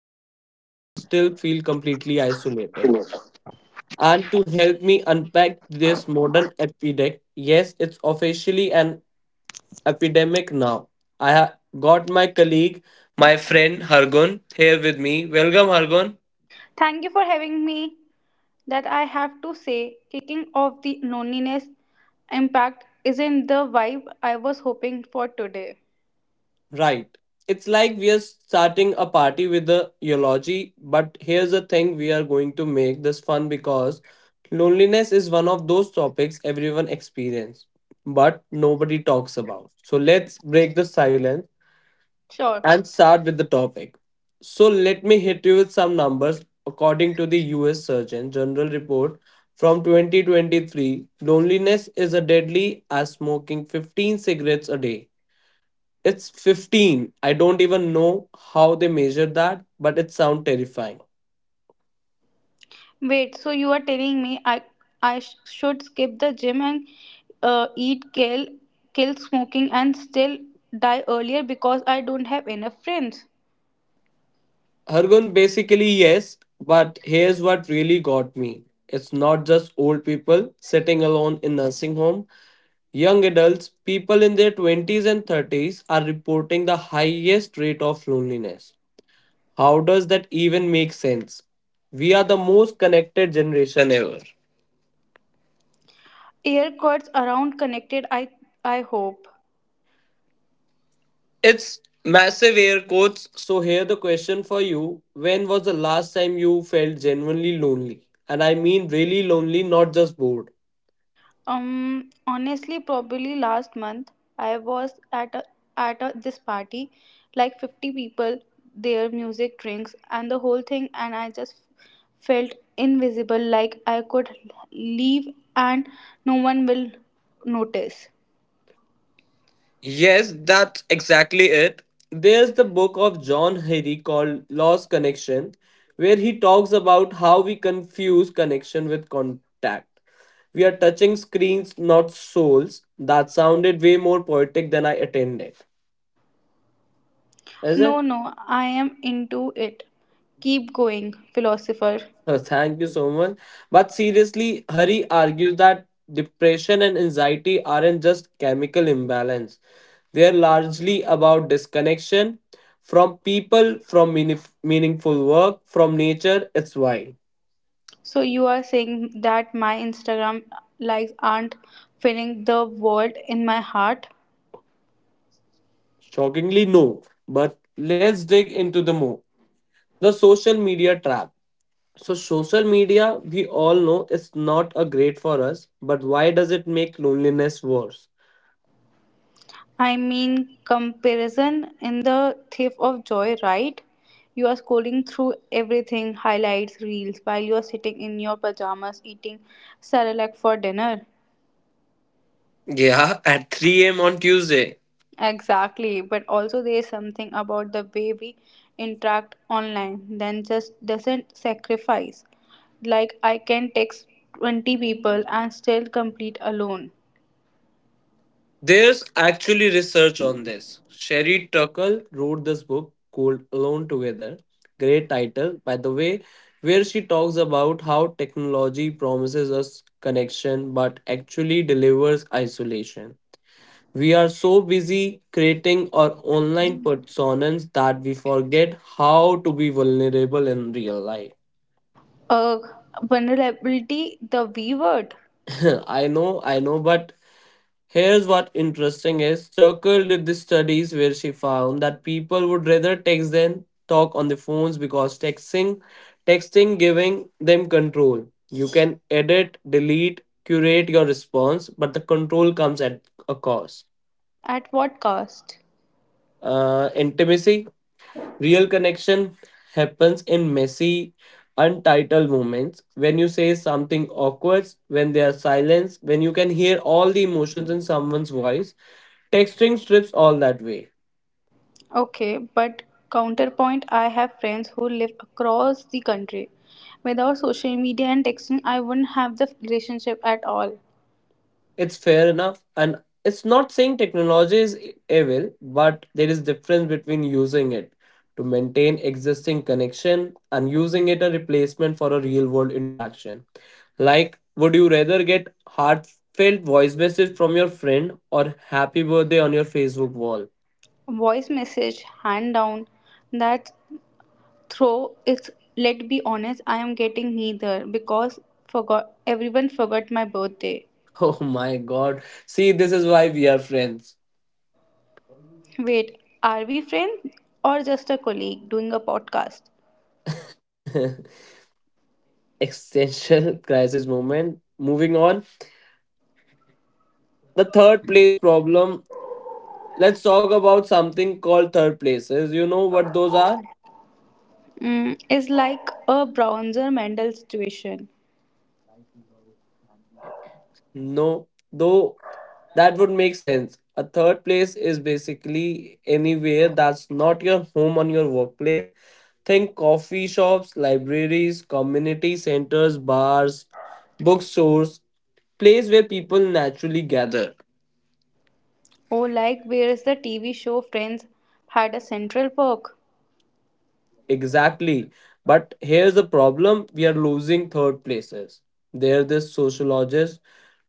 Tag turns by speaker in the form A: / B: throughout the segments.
A: by people and still feel completely isolated.
B: Thank
A: And to help me unpack this modern epidemic, yes, it's officially an epidemic now. I have got my colleague, my friend Hargun here with me. Welcome, Hargun.
B: you for having me. That I have to say, kicking off the loneliness impact isn't the vibe I was hoping for today.
A: Right. It's like we are starting a party with the eulogy, but here's the thing we are going to make this fun because loneliness is one of those topics everyone experiences, but nobody talks about. So let's break the silence
B: Sure.
A: and start with the topic. So, let me hit you with some numbers. According to the US Surgeon General report from 2023, loneliness is as deadly as smoking 15 cigarettes a day. It's 15. I don't even know how they measure that, but it sounds terrifying.
B: Wait, so you are telling me I should skip the gym and eat kale, kill smoking and still die earlier because I don't have enough friends.
A: Hargun, basically, yes, but here's what really got me. It's not just old people sitting alone in nursing home. Young adults, people in their 20s and 30s, are reporting the highest rate of loneliness. How does that even make sense? We are the most connected generation ever.
B: Air quotes around connected I hope.
A: It's massive air quotes. So, here the question for you when was the last time you felt genuinely lonely? And I mean really lonely, not just bored.
B: Honestly, probably last month I was at this party, like 50 people, their music, drinks, and the whole thing, and I just felt invisible, like I could leave and no one will notice.
A: Yes, that's exactly it. There's the book of John Harry called Lost Connection, where he talks about how we confuse connection with contact. We are touching screens, not souls. That sounded way more poetic than I attended. Is
B: No,
A: it?
B: no, I am into it. Keep going, philosopher.
A: Thank you so much. But seriously, Hari argues that depression and anxiety aren't just chemical imbalance. They are largely about disconnection from people, from meaningful work, from nature. It's why.
B: So you are saying that my Instagram likes aren't filling the void in my heart?
A: Shockingly, no. But let's dig into the more. The social media trap. So, social media, we all know, is not a great for us. But why does it make loneliness worse?
B: I mean, comparison in the thief of joy, right? You are scrolling through everything, highlights, reels, while you are sitting in your pajamas eating Cerelac for dinner.
A: Yeah, at 3 a.m. on Tuesday.
B: Exactly, but also there is something about the way we interact online then just doesn't sacrifice. Like, I can text 20 people and still complete alone.
A: There's actually research on this. Sherry Turkle wrote this book called Alone Together, great title, by the way, where she talks about how technology promises us connection but actually delivers isolation. We are so busy creating our online personas that we forget how to be vulnerable in real life.
B: Ugh, vulnerability, the V word.
A: I know, but here's what interesting is Churchill did the studies where she found that people would rather text than talk on the phones because texting giving them control. You can edit, delete, curate your response, but the control comes at a cost.
B: At what cost?
A: Intimacy real connection happens in messy, untitled moments when you say something awkward, when there's silence, when you can hear all the emotions in someone's voice. Texting strips all that way.
B: Okay, but counterpoint, I have friends who live across the country. Without social media and texting, I wouldn't have the relationship at all.
A: It's fair enough. And it's not saying technology is evil, but there is difference between using it to maintain existing connection and using it a replacement for a real world interaction. Like, would you rather get heartfelt voice message from your friend or happy birthday on your Facebook wall?
B: Voice message, hand down, that throw it's let be honest, I am getting neither because forgot everyone forgot my birthday.
A: Oh my god. See, this is why we are friends.
B: Wait, are we friends or just a colleague doing a podcast?
A: Existential crisis moment. Moving on. The third place problem. Let's talk about something called third places. You know what those are?
B: It's like a Bronzer Mendel situation.
A: No, though that would make sense. A third place is basically anywhere that's not your home on your workplace. Think coffee shops, libraries, community centers, bars, bookstores, place where people naturally gather.
B: Oh, like where's the TV show Friends had a Central Park,
A: Exactly. But here's the problem we are losing third places. There this sociologist,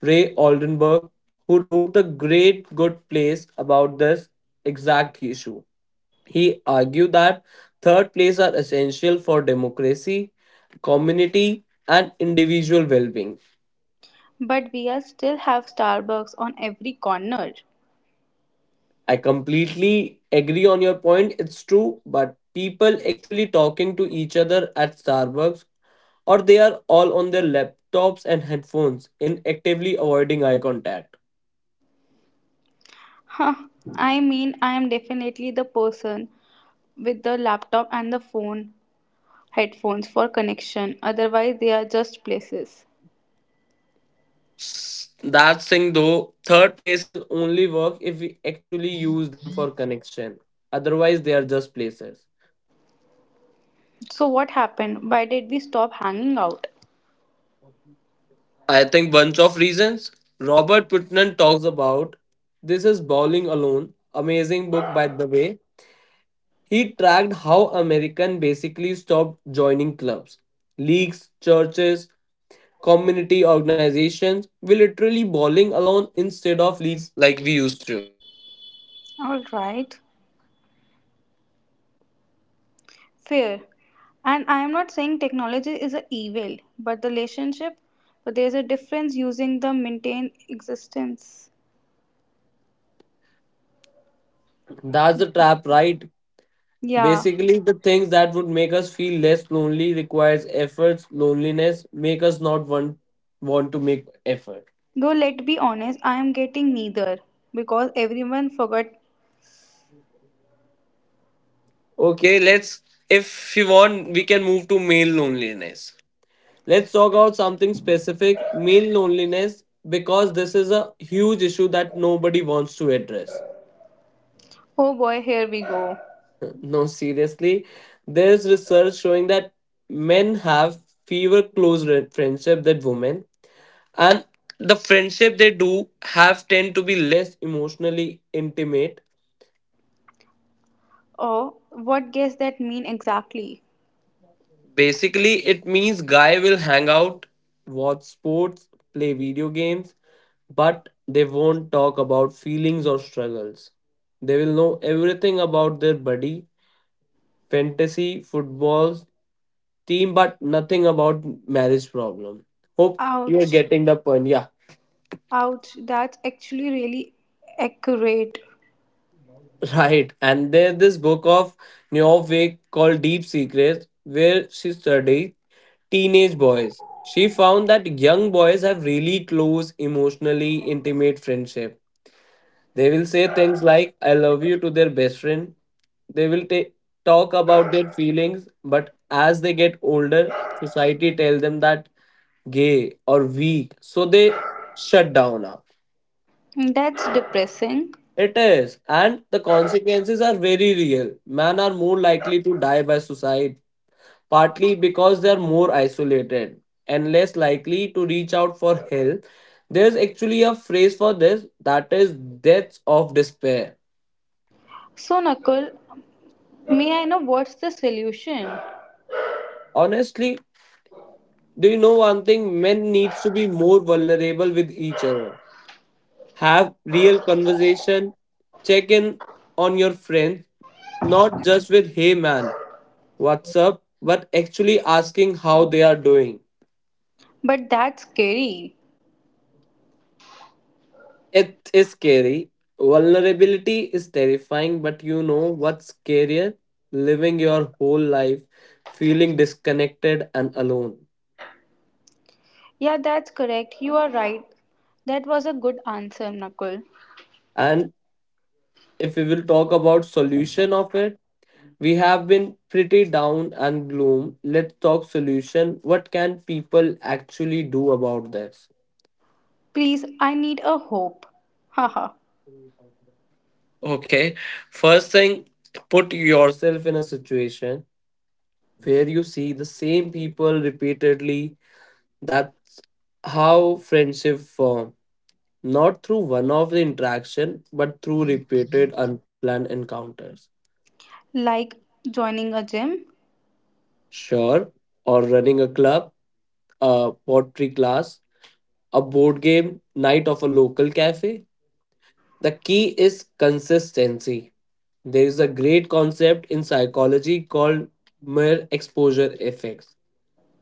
A: Ray Oldenburg, who wrote the great good place about this exact issue. He argued that third place are essential for democracy, community, and individual well being.
B: but we are still have Starbucks on every corner.
A: I completely agree on your point. It's true, but people actually talking to each other at Starbucks or they are all on their laptops and headphones in actively avoiding eye contact.
B: Huh, I mean, I am definitely the person with the laptop and the phone headphones for connection, otherwise, they are just places.
A: That thing though, third places only work if we actually use them for connection. Otherwise, they are just places.
B: So, what happened? Why did we stop hanging out?
A: I think bunch of reasons. Robert Putnam talks about this is bowling alone. Amazing book by the way. He tracked how Americans basically stopped joining clubs, leagues, churches, community organizations. We literally bowling alone instead of leagues like we used to.
B: All right, fair. And I am not saying technology is a evil, but the relationship, but there's a difference using the maintain existence.
A: That's the trap, right?
B: Yeah,
A: Basically, the things that would make us feel less lonely requires efforts. Loneliness make us not want to make effort.
B: though let's be honest, I am getting neither because everyone forgot,
A: Okay, let's. If you want, we can move to male loneliness. Let's talk about something specific male loneliness, because this is a huge issue that nobody wants to address.
B: oh boy, here we go.
A: No, seriously, there's research showing that men have fewer close friendship than women, and the friendship they do have tend to be less emotionally intimate.
B: Oh, what does that mean exactly?
A: Basically, it means guy will hang out, watch sports, play video games, but they won't talk about feelings or struggles. They will know everything about their body, fantasy, footballs, team, but nothing about marriage problem. Hope you're
B: Ouch,
A: getting the point. Yeah.
B: ouch, that's actually really accurate.
A: Right. And there's this book of Neowake called Deep Secrets, where she studied teenage boys. She found that young boys have really close, emotionally intimate friendship. They will say things like "I love you" to their best friend. They will talk about their feelings, but as they get older, society tells them that gay or weak, so they shut down. Up.
B: That's depressing.
A: It is, and the consequences are very real. Men are more likely to die by suicide, partly because they are more isolated and less likely to reach out for help. There's actually a phrase for this that is deaths of despair.
B: So, Nakul, may I know what's the solution?
A: Honestly, do you know one thing? Men needs to be more vulnerable with each other. Have real conversation. Check in on your friends, not just with hey man, what's up, but actually asking how they are doing.
B: But that's scary.
A: It is scary. Vulnerability is terrifying, but you know what's scarier? Living your whole life feeling disconnected and alone.
B: Yeah, that's correct. You are right. That was a good answer, Nakul.
A: And if we will talk about solution of it, we have been pretty down and gloom. Let's talk solution. What can people actually do about this?
B: Please, I need a hope. Haha.
A: Okay. First thing, put yourself in a situation where you see the same people repeatedly. That's how friendship form. Not through one-off interaction, but through repeated unplanned encounters.
B: Like joining a gym.
A: Sure. Or running a club, a pottery class, a board game night of a local cafe. The key is consistency. There is a great concept in psychology called mere exposure effects.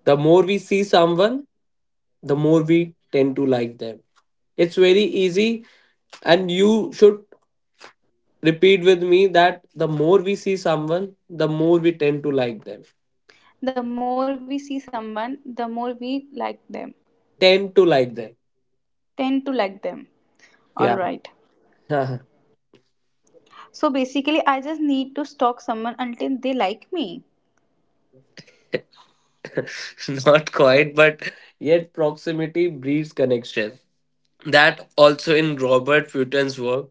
A: The more we see someone, the more we tend to like them. It's very easy, and you should repeat with me that the more we see someone, the more we tend to like them.
B: The more we see someone, the more we like them.
A: Tend to like them.
B: Tend to like them. All
A: Yeah.
B: right.
A: Not
B: So basically, I just need to stalk someone until they like me.
A: quite, but yet proximity breeds connection. That also in Robert Fulton's work,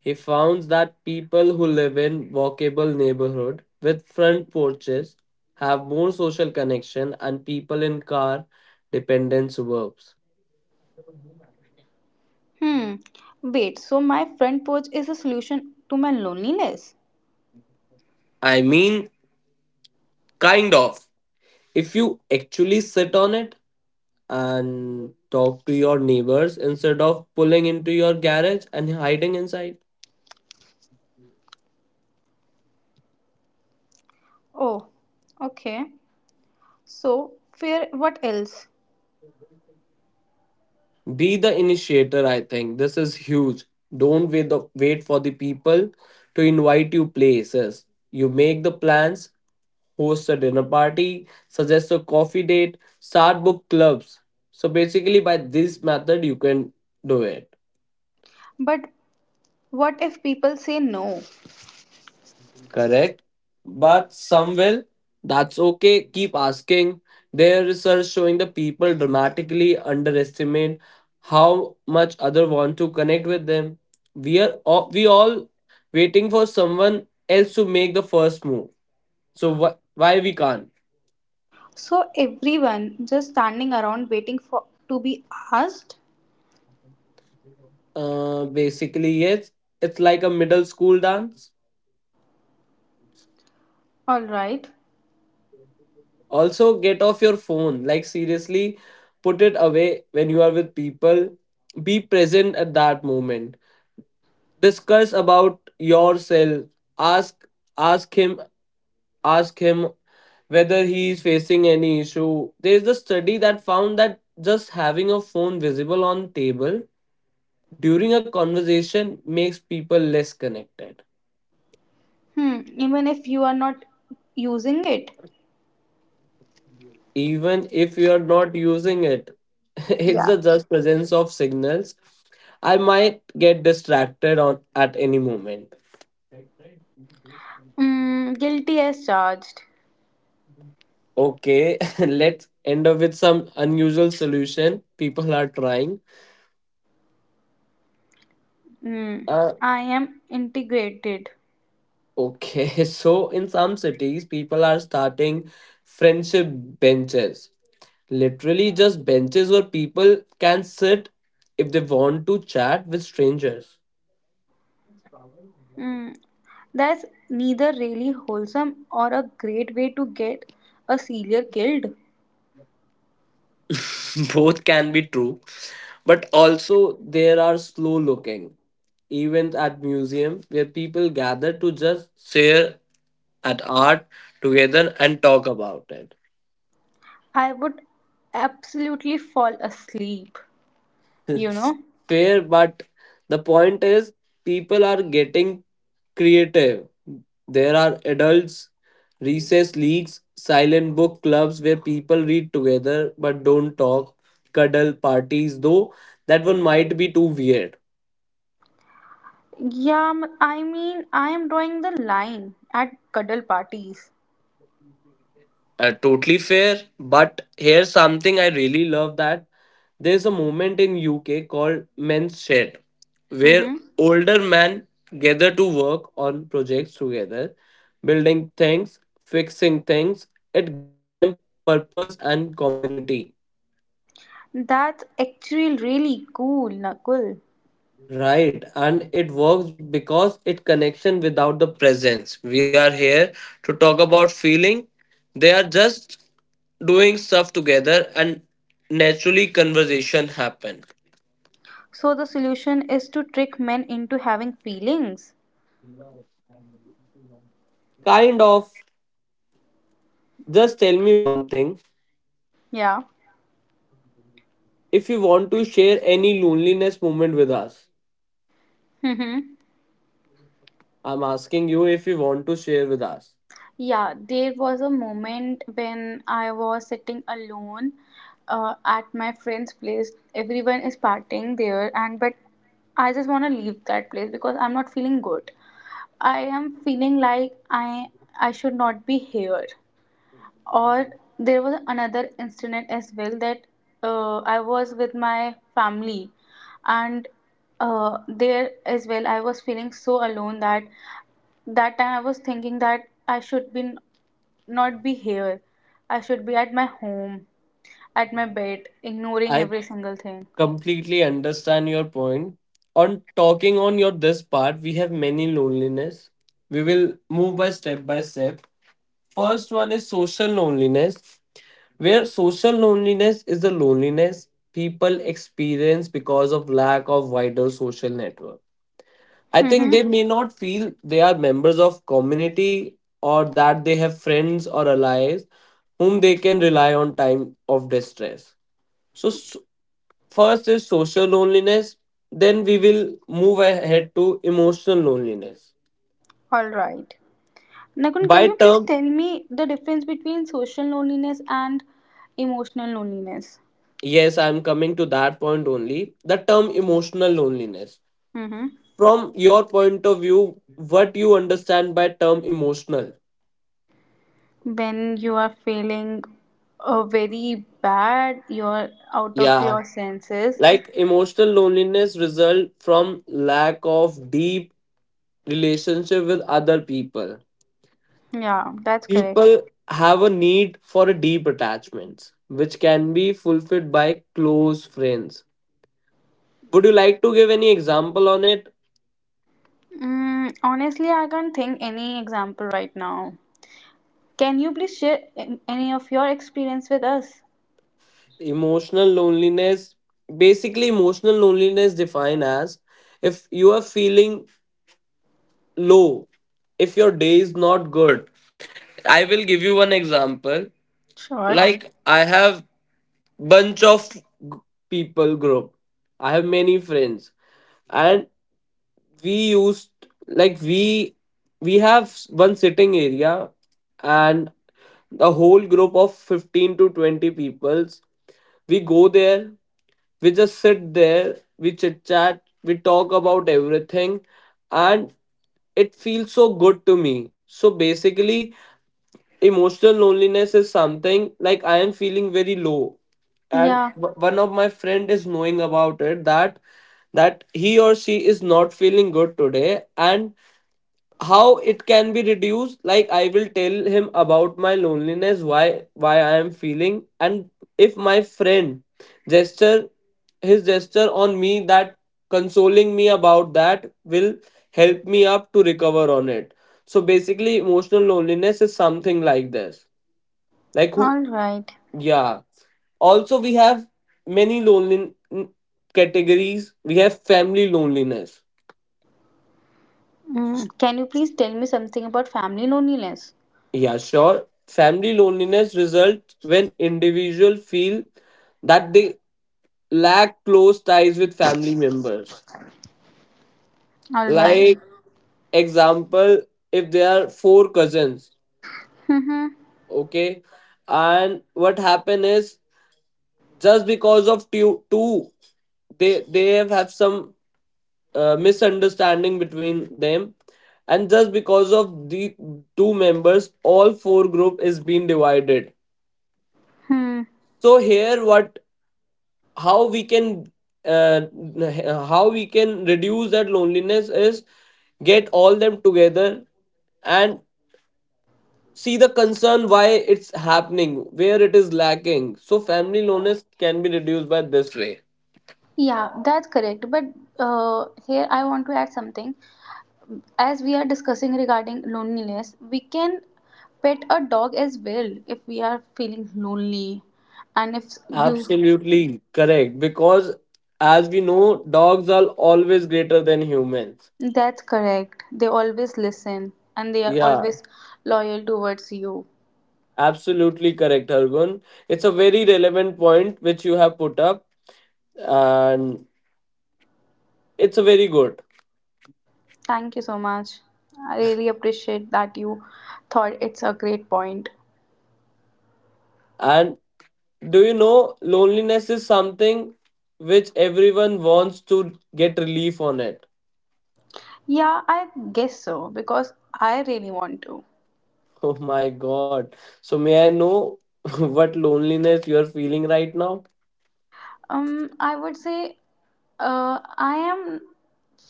A: he found that people who live in walkable neighborhood with front porches have more social connection and people in car dependent suburbs.
B: Hmm, wait, so my front porch is a solution to my loneliness?
A: I mean, kind of. If you actually sit on it and talk to your neighbors instead of pulling into your garage and hiding inside.
B: Oh, okay, so fear, what else?
A: Be the initiator, I think. This is huge. Don't wait for the people to invite you places. You make the plans, host a dinner party, suggest a coffee date, start book clubs. So basically, by this method, you can do it.
B: But what if people say no?
A: Correct. But some will. That's okay. Keep asking. Their research showing the people dramatically underestimate how much other want to connect with them. We all waiting for someone else to make the first move. So why we can't?
B: So everyone just standing around waiting for to be asked.
A: Basically, yes. It's like a middle school dance.
B: All right.
A: Also, get off your phone. Like seriously, put it away when you are with people. Be present at that moment, discuss about yourself, ask ask him ask him whether he is facing any issue. There is a study that found that just having a phone visible on table during a conversation makes people less connected
B: Hmm, even if you are not using it.
A: even if you are not using it. It's
B: Yeah.
A: the just presence of signals I might get distracted on at any moment.
B: Guilty as charged.
A: Okay. Let's end up with some unusual solution people are trying.
B: Mm,
A: Uh,
B: I am integrated.
A: okay. So, in some cities, people are starting friendship benches. Literally, just benches where people can sit if they want to chat with strangers.
B: Mm, that's neither really wholesome or a great way to get a serial killed.
A: Both can be true. But also, there are slow looking events at museum where people gather to just share at art together and talk about it.
B: I would absolutely fall asleep, you know.
A: Fair, but the point is people are getting creative. There are adults, recess leagues, silent book clubs where people read together but don't talk, cuddle parties, though that one might be too weird.
B: Yeah, I mean, I am drawing the line at cuddle parties.
A: Totally fair, but here's something I really love that there's a movement in UK called Men's Shed, where
B: Mm-hmm.
A: older men gather to work on projects together, building things, fixing things. It given them purpose and community.
B: That's actually really cool, Nakul.
A: Right, and it works because it connection without the presence. We are here to talk about feeling. They are just doing stuff together and naturally conversation happen.
B: So the solution is to trick men into having feelings.
A: Kind of just tell me one thing.
B: Yeah.
A: If you want to share any loneliness moment with us,
B: Mm-hmm.
A: I'm asking you if you want to share with us.
B: Yeah, there was a moment when I was sitting alone at my friend's place. Everyone is partying there, and but I just want to leave that place because I'm not feeling good. I am feeling like I should not be here. Or there was another incident as well that I was with my family, and there as well I was feeling so alone that that time I was thinking that I should be not be here. I should be at my home, at my bed, ignoring
A: I
B: every single thing.
A: completely understand your point on talking on your this part, we have many loneliness. We will move by step by step. First one is social loneliness, where social loneliness is the loneliness people experience because of lack of wider social network. I think they
B: Mm-hmm.
A: may not feel they are members of community or that they have friends or allies whom they can rely on time of distress. So, s first is social loneliness, then we will move ahead to emotional loneliness.
B: All right. Nakun, can
A: By
B: you please
A: term,
B: tell me the difference between social loneliness and emotional loneliness?
A: yes, I'm coming to that point only. The term emotional loneliness.
B: Mm-hmm.
A: From your point of view, what you understand by term emotional?
B: When you are feeling very bad, you're out of
A: Yeah,
B: your senses.
A: like emotional loneliness result from lack of deep relationship with other people.
B: Yeah, that's correct.
A: People have a need for a deep attachments, which can be fulfilled by close friends. Would you like to give any example on it?
B: Honestly, I can't think any example right now. Can you please share any of your experience with us?
A: Emotional loneliness. Basically, emotional loneliness defined as if you are feeling low, if your day is not good. I will give you one example.
B: Sure.
A: Like I have bunch of g- people group. I have many friends, and we used, like, we have one sitting area, and a whole group of 15 to 20 peoples, we go there, we just sit there, we chit chat, we talk about everything, and it feels so good to me. So basically, emotional loneliness is something like I am feeling very low, and
B: Yeah,
A: one of my friend is knowing about it, that that he or she is not feeling good today, and how it can be reduced. Like I will tell him about my loneliness, why I am feeling, and if my friend gesture, his gesture on me, that consoling me about that will help me up to recover on it. So basically, emotional loneliness is something like this, like who.
B: all right.
A: Yeah, also we have many lonely categories. We have family loneliness.
B: Can you please tell me something about family loneliness?
A: Yeah, sure. Family loneliness results when individuals feel that they lack close ties with family members.
B: All right.
A: Like example, if there are four cousins,
B: Mm-hmm.
A: okay, and what happen is just because of two, two, they have some misunderstanding between them, and just because of the two members, all four group is being divided.
B: Hmm.
A: So here, what how we can, uh, how we can reduce that loneliness is get all them together and see the concern why it's happening, where it is lacking. So family loneliness can be reduced by this way.
B: Yeah, that's correct. But here I want to add something. As we are discussing regarding loneliness, we can pet a dog as well if we are feeling lonely. And if you,
A: Absolutely correct, because as we know, dogs are always greater than humans.
B: that's correct. They always listen and they are
A: Yeah,
B: always loyal towards you.
A: absolutely correct, Argun. It's a very relevant point which you have put up, and it's a very good.
B: Thank you so much. I really appreciate that you thought it's a great point.
A: And do you know loneliness is something which everyone wants to get relief on it?
B: Yeah, I guess so because I really want to.
A: Oh my god. So may I know what loneliness you are feeling right now?
B: I would say I am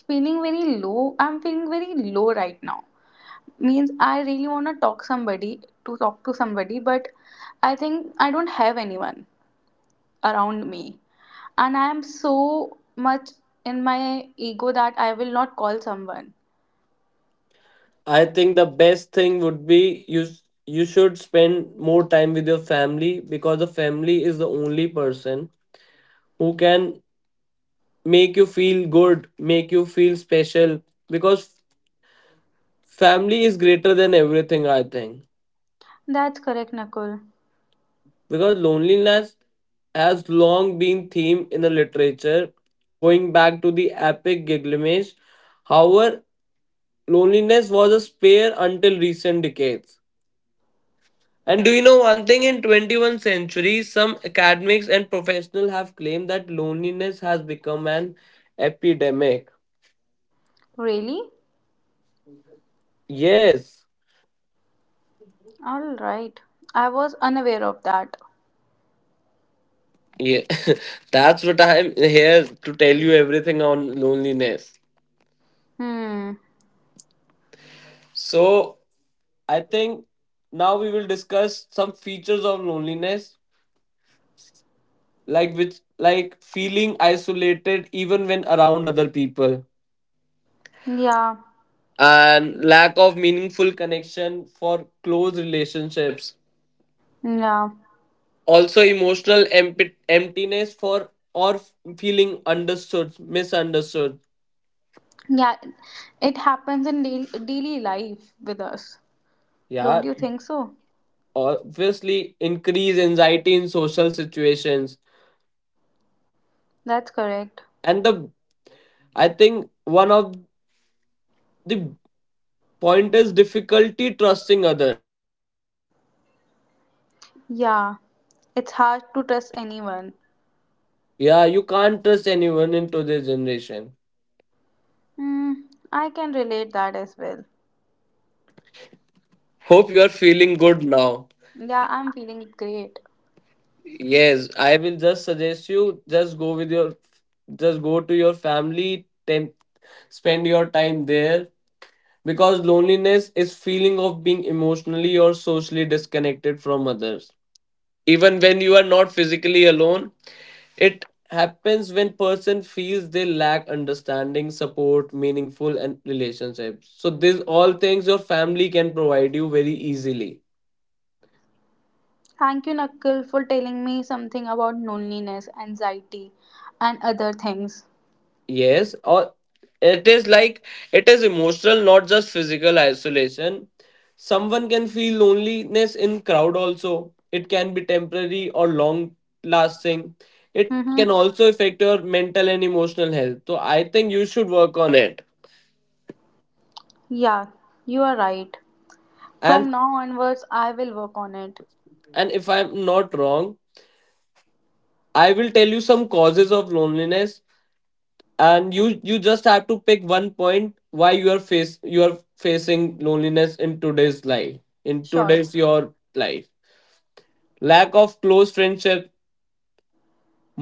B: feeling very low. I'm feeling very low right now, means I really want to talk to somebody. But I think I don't have anyone around me. And I am so much in my ego that I will not call someone.
A: I think the best thing would be you, you should spend more time with your family, because the family is the only person who can make you feel good, make you feel special, because family is greater than everything, I think.
B: That's correct, Nakul.
A: Because loneliness has long been theme in the literature, going back to the epic Gilgamesh. However, loneliness was a spare until recent decades. And do you know one thing, in 21st century some academics and professionals have claimed that loneliness has become an epidemic.
B: Really.
A: Yes.
B: All right. I was unaware of that.
A: Yeah. That's what I'm here to tell you everything on loneliness.
B: Hmm.
A: So, I think now we will discuss some features of loneliness, like which like feeling isolated even when around other people,
B: Yeah,
A: and lack of meaningful connection for close relationships.
B: yeah,
A: Also, emotional emptiness for or feeling understood, misunderstood.
B: yeah, it happens in daily, daily life with us, don't
A: Yeah,
B: you think so?
A: obviously increase anxiety in social situations,
B: That's correct.
A: and the I think one of the point is difficulty trusting others.
B: Yeah, it's hard to trust anyone.
C: Yeah, you can't trust anyone in today's generation.
B: Hmm, I can relate that as well.
C: Hope you are feeling good now.
B: Yeah, I'm feeling great.
C: Yes, I will just suggest you just go to your family, spend your time there because loneliness is feeling of being emotionally or socially disconnected from others, even when you are not physically alone. It happens when person feels they lack understanding support meaningful and relationships, so these all things your family can provide you very easily.
B: Thank you, Nakul, for telling me something about loneliness, anxiety, and other things.
C: Yes, or it is like it is emotional, not just physical isolation. Someone can feel loneliness in crowd also. It can be temporary or long lasting. It can
B: Mm-hmm.
C: also affect your mental and emotional health, so I think you should work on it.
B: Yeah, you are right.
C: and
B: From now onwards, I will work on it.
C: and if I'm not wrong, I will tell you some causes of loneliness, and you just have to pick one point why you are facing loneliness in today's life, in
B: Sure.
C: today's your life. Lack of close friendship,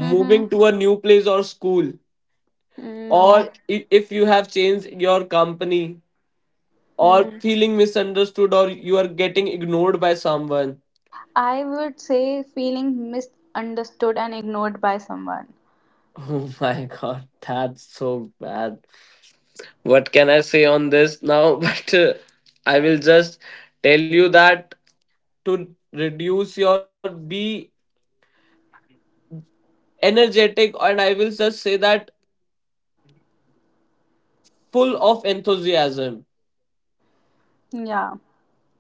B: Mm-hmm.
C: to a new place or school,
B: Mm, no.
C: or if you have changed your company, or
B: Mm.
C: feeling misunderstood or you are getting ignored by someone.
B: I would say feeling misunderstood and ignored by someone.
C: Oh my god, that's so bad. What can I say on this now? But I will just tell you that to reduce your be energetic, and I will just say that full of enthusiasm.
B: Yeah.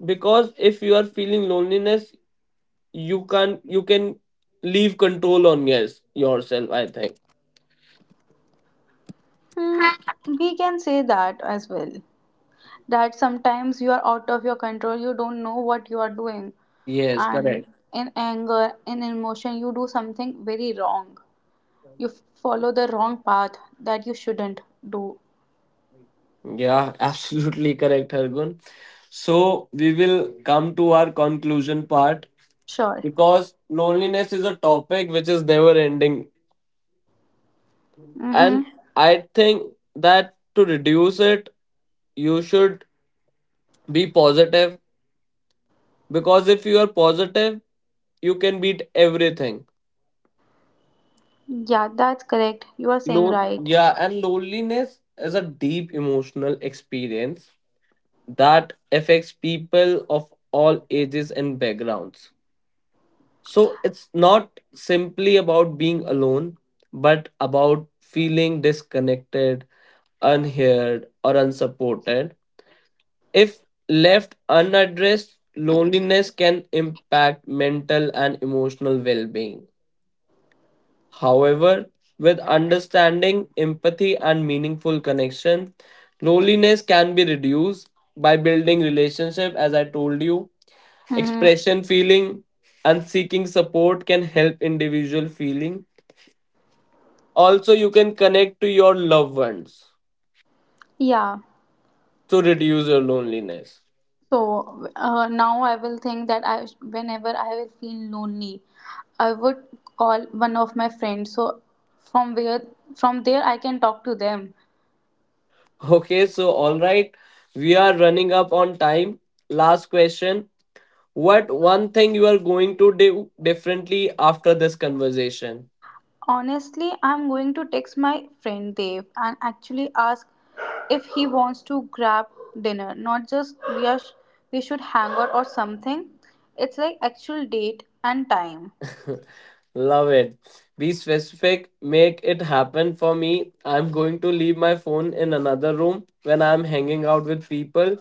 C: Because if you are feeling loneliness, you can leave control on yes yourself, I think.
B: Hmm. We can say that as well. That sometimes you are out of your control, you don't know what you are doing.
C: Yes,
B: And
C: correct.
B: in anger, in emotion, you do something very wrong. You follow the wrong path that you shouldn't do.
C: Yeah, absolutely correct, Hargun. So we will come to our conclusion part
B: Sure.
C: because loneliness is a topic which is never ending.
B: Mm-hmm.
C: And I think that to reduce it, you should be positive, because if you are positive, you can beat everything.
B: Yeah, that's correct, you are saying right.
C: Yeah, and loneliness is a deep emotional experience that affects people of all ages and backgrounds. So it's not simply about being alone, but about feeling disconnected, unheard, or unsupported. If left unaddressed, loneliness can impact mental and emotional well being. However, with understanding, empathy, and meaningful connection, loneliness can be reduced by building relationship, as I told you.
B: Mm-hmm.
C: Expression feeling and seeking support can help individual feeling. Also you can connect to your loved ones
B: Yeah,
C: to reduce your loneliness.
B: so now I will think that I whenever I will feel lonely, I would call one of my friends. So from where from there I can talk to them.
C: Okay, so all right, we are running up on time. Last question. What one thing you are going to do differently after this conversation?
B: Honestly, I'm going to text my friend Dave and actually ask if he wants to grab dinner, not just we should hang out or something. It's like actual date and time.
C: Love it. Be specific, make it happen for me. I'm going to leave my phone in another room when I'm hanging out with people.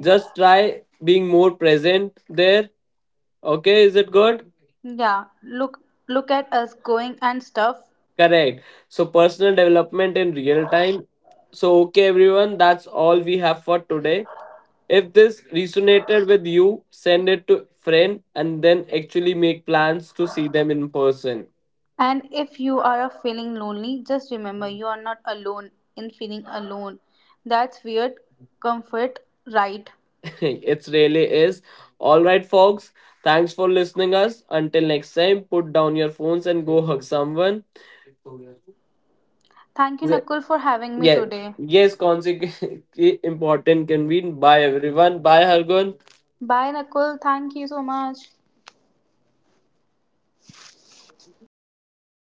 C: Just try being more present there. Okay, is it good?
B: Yeah, look at us going and stuff.
C: Correct. So personal development in real time. So okay everyone, that's all we have for today. If this resonated with you, send it to friend and then actually make plans to see them in person.
B: And if you are feeling lonely, just remember you are not alone in feeling alone. That's weird comfort, right?
C: It really is. All right folks, thanks for listening us. Until next time, put down your phones and go hug someone.
B: Thank you
C: The-
B: Nakul for having me
C: yeah.
B: today.
C: Yes, consequence important can be. Bye everyone. Bye Hargun.
B: Bye Nakul, thank you so much.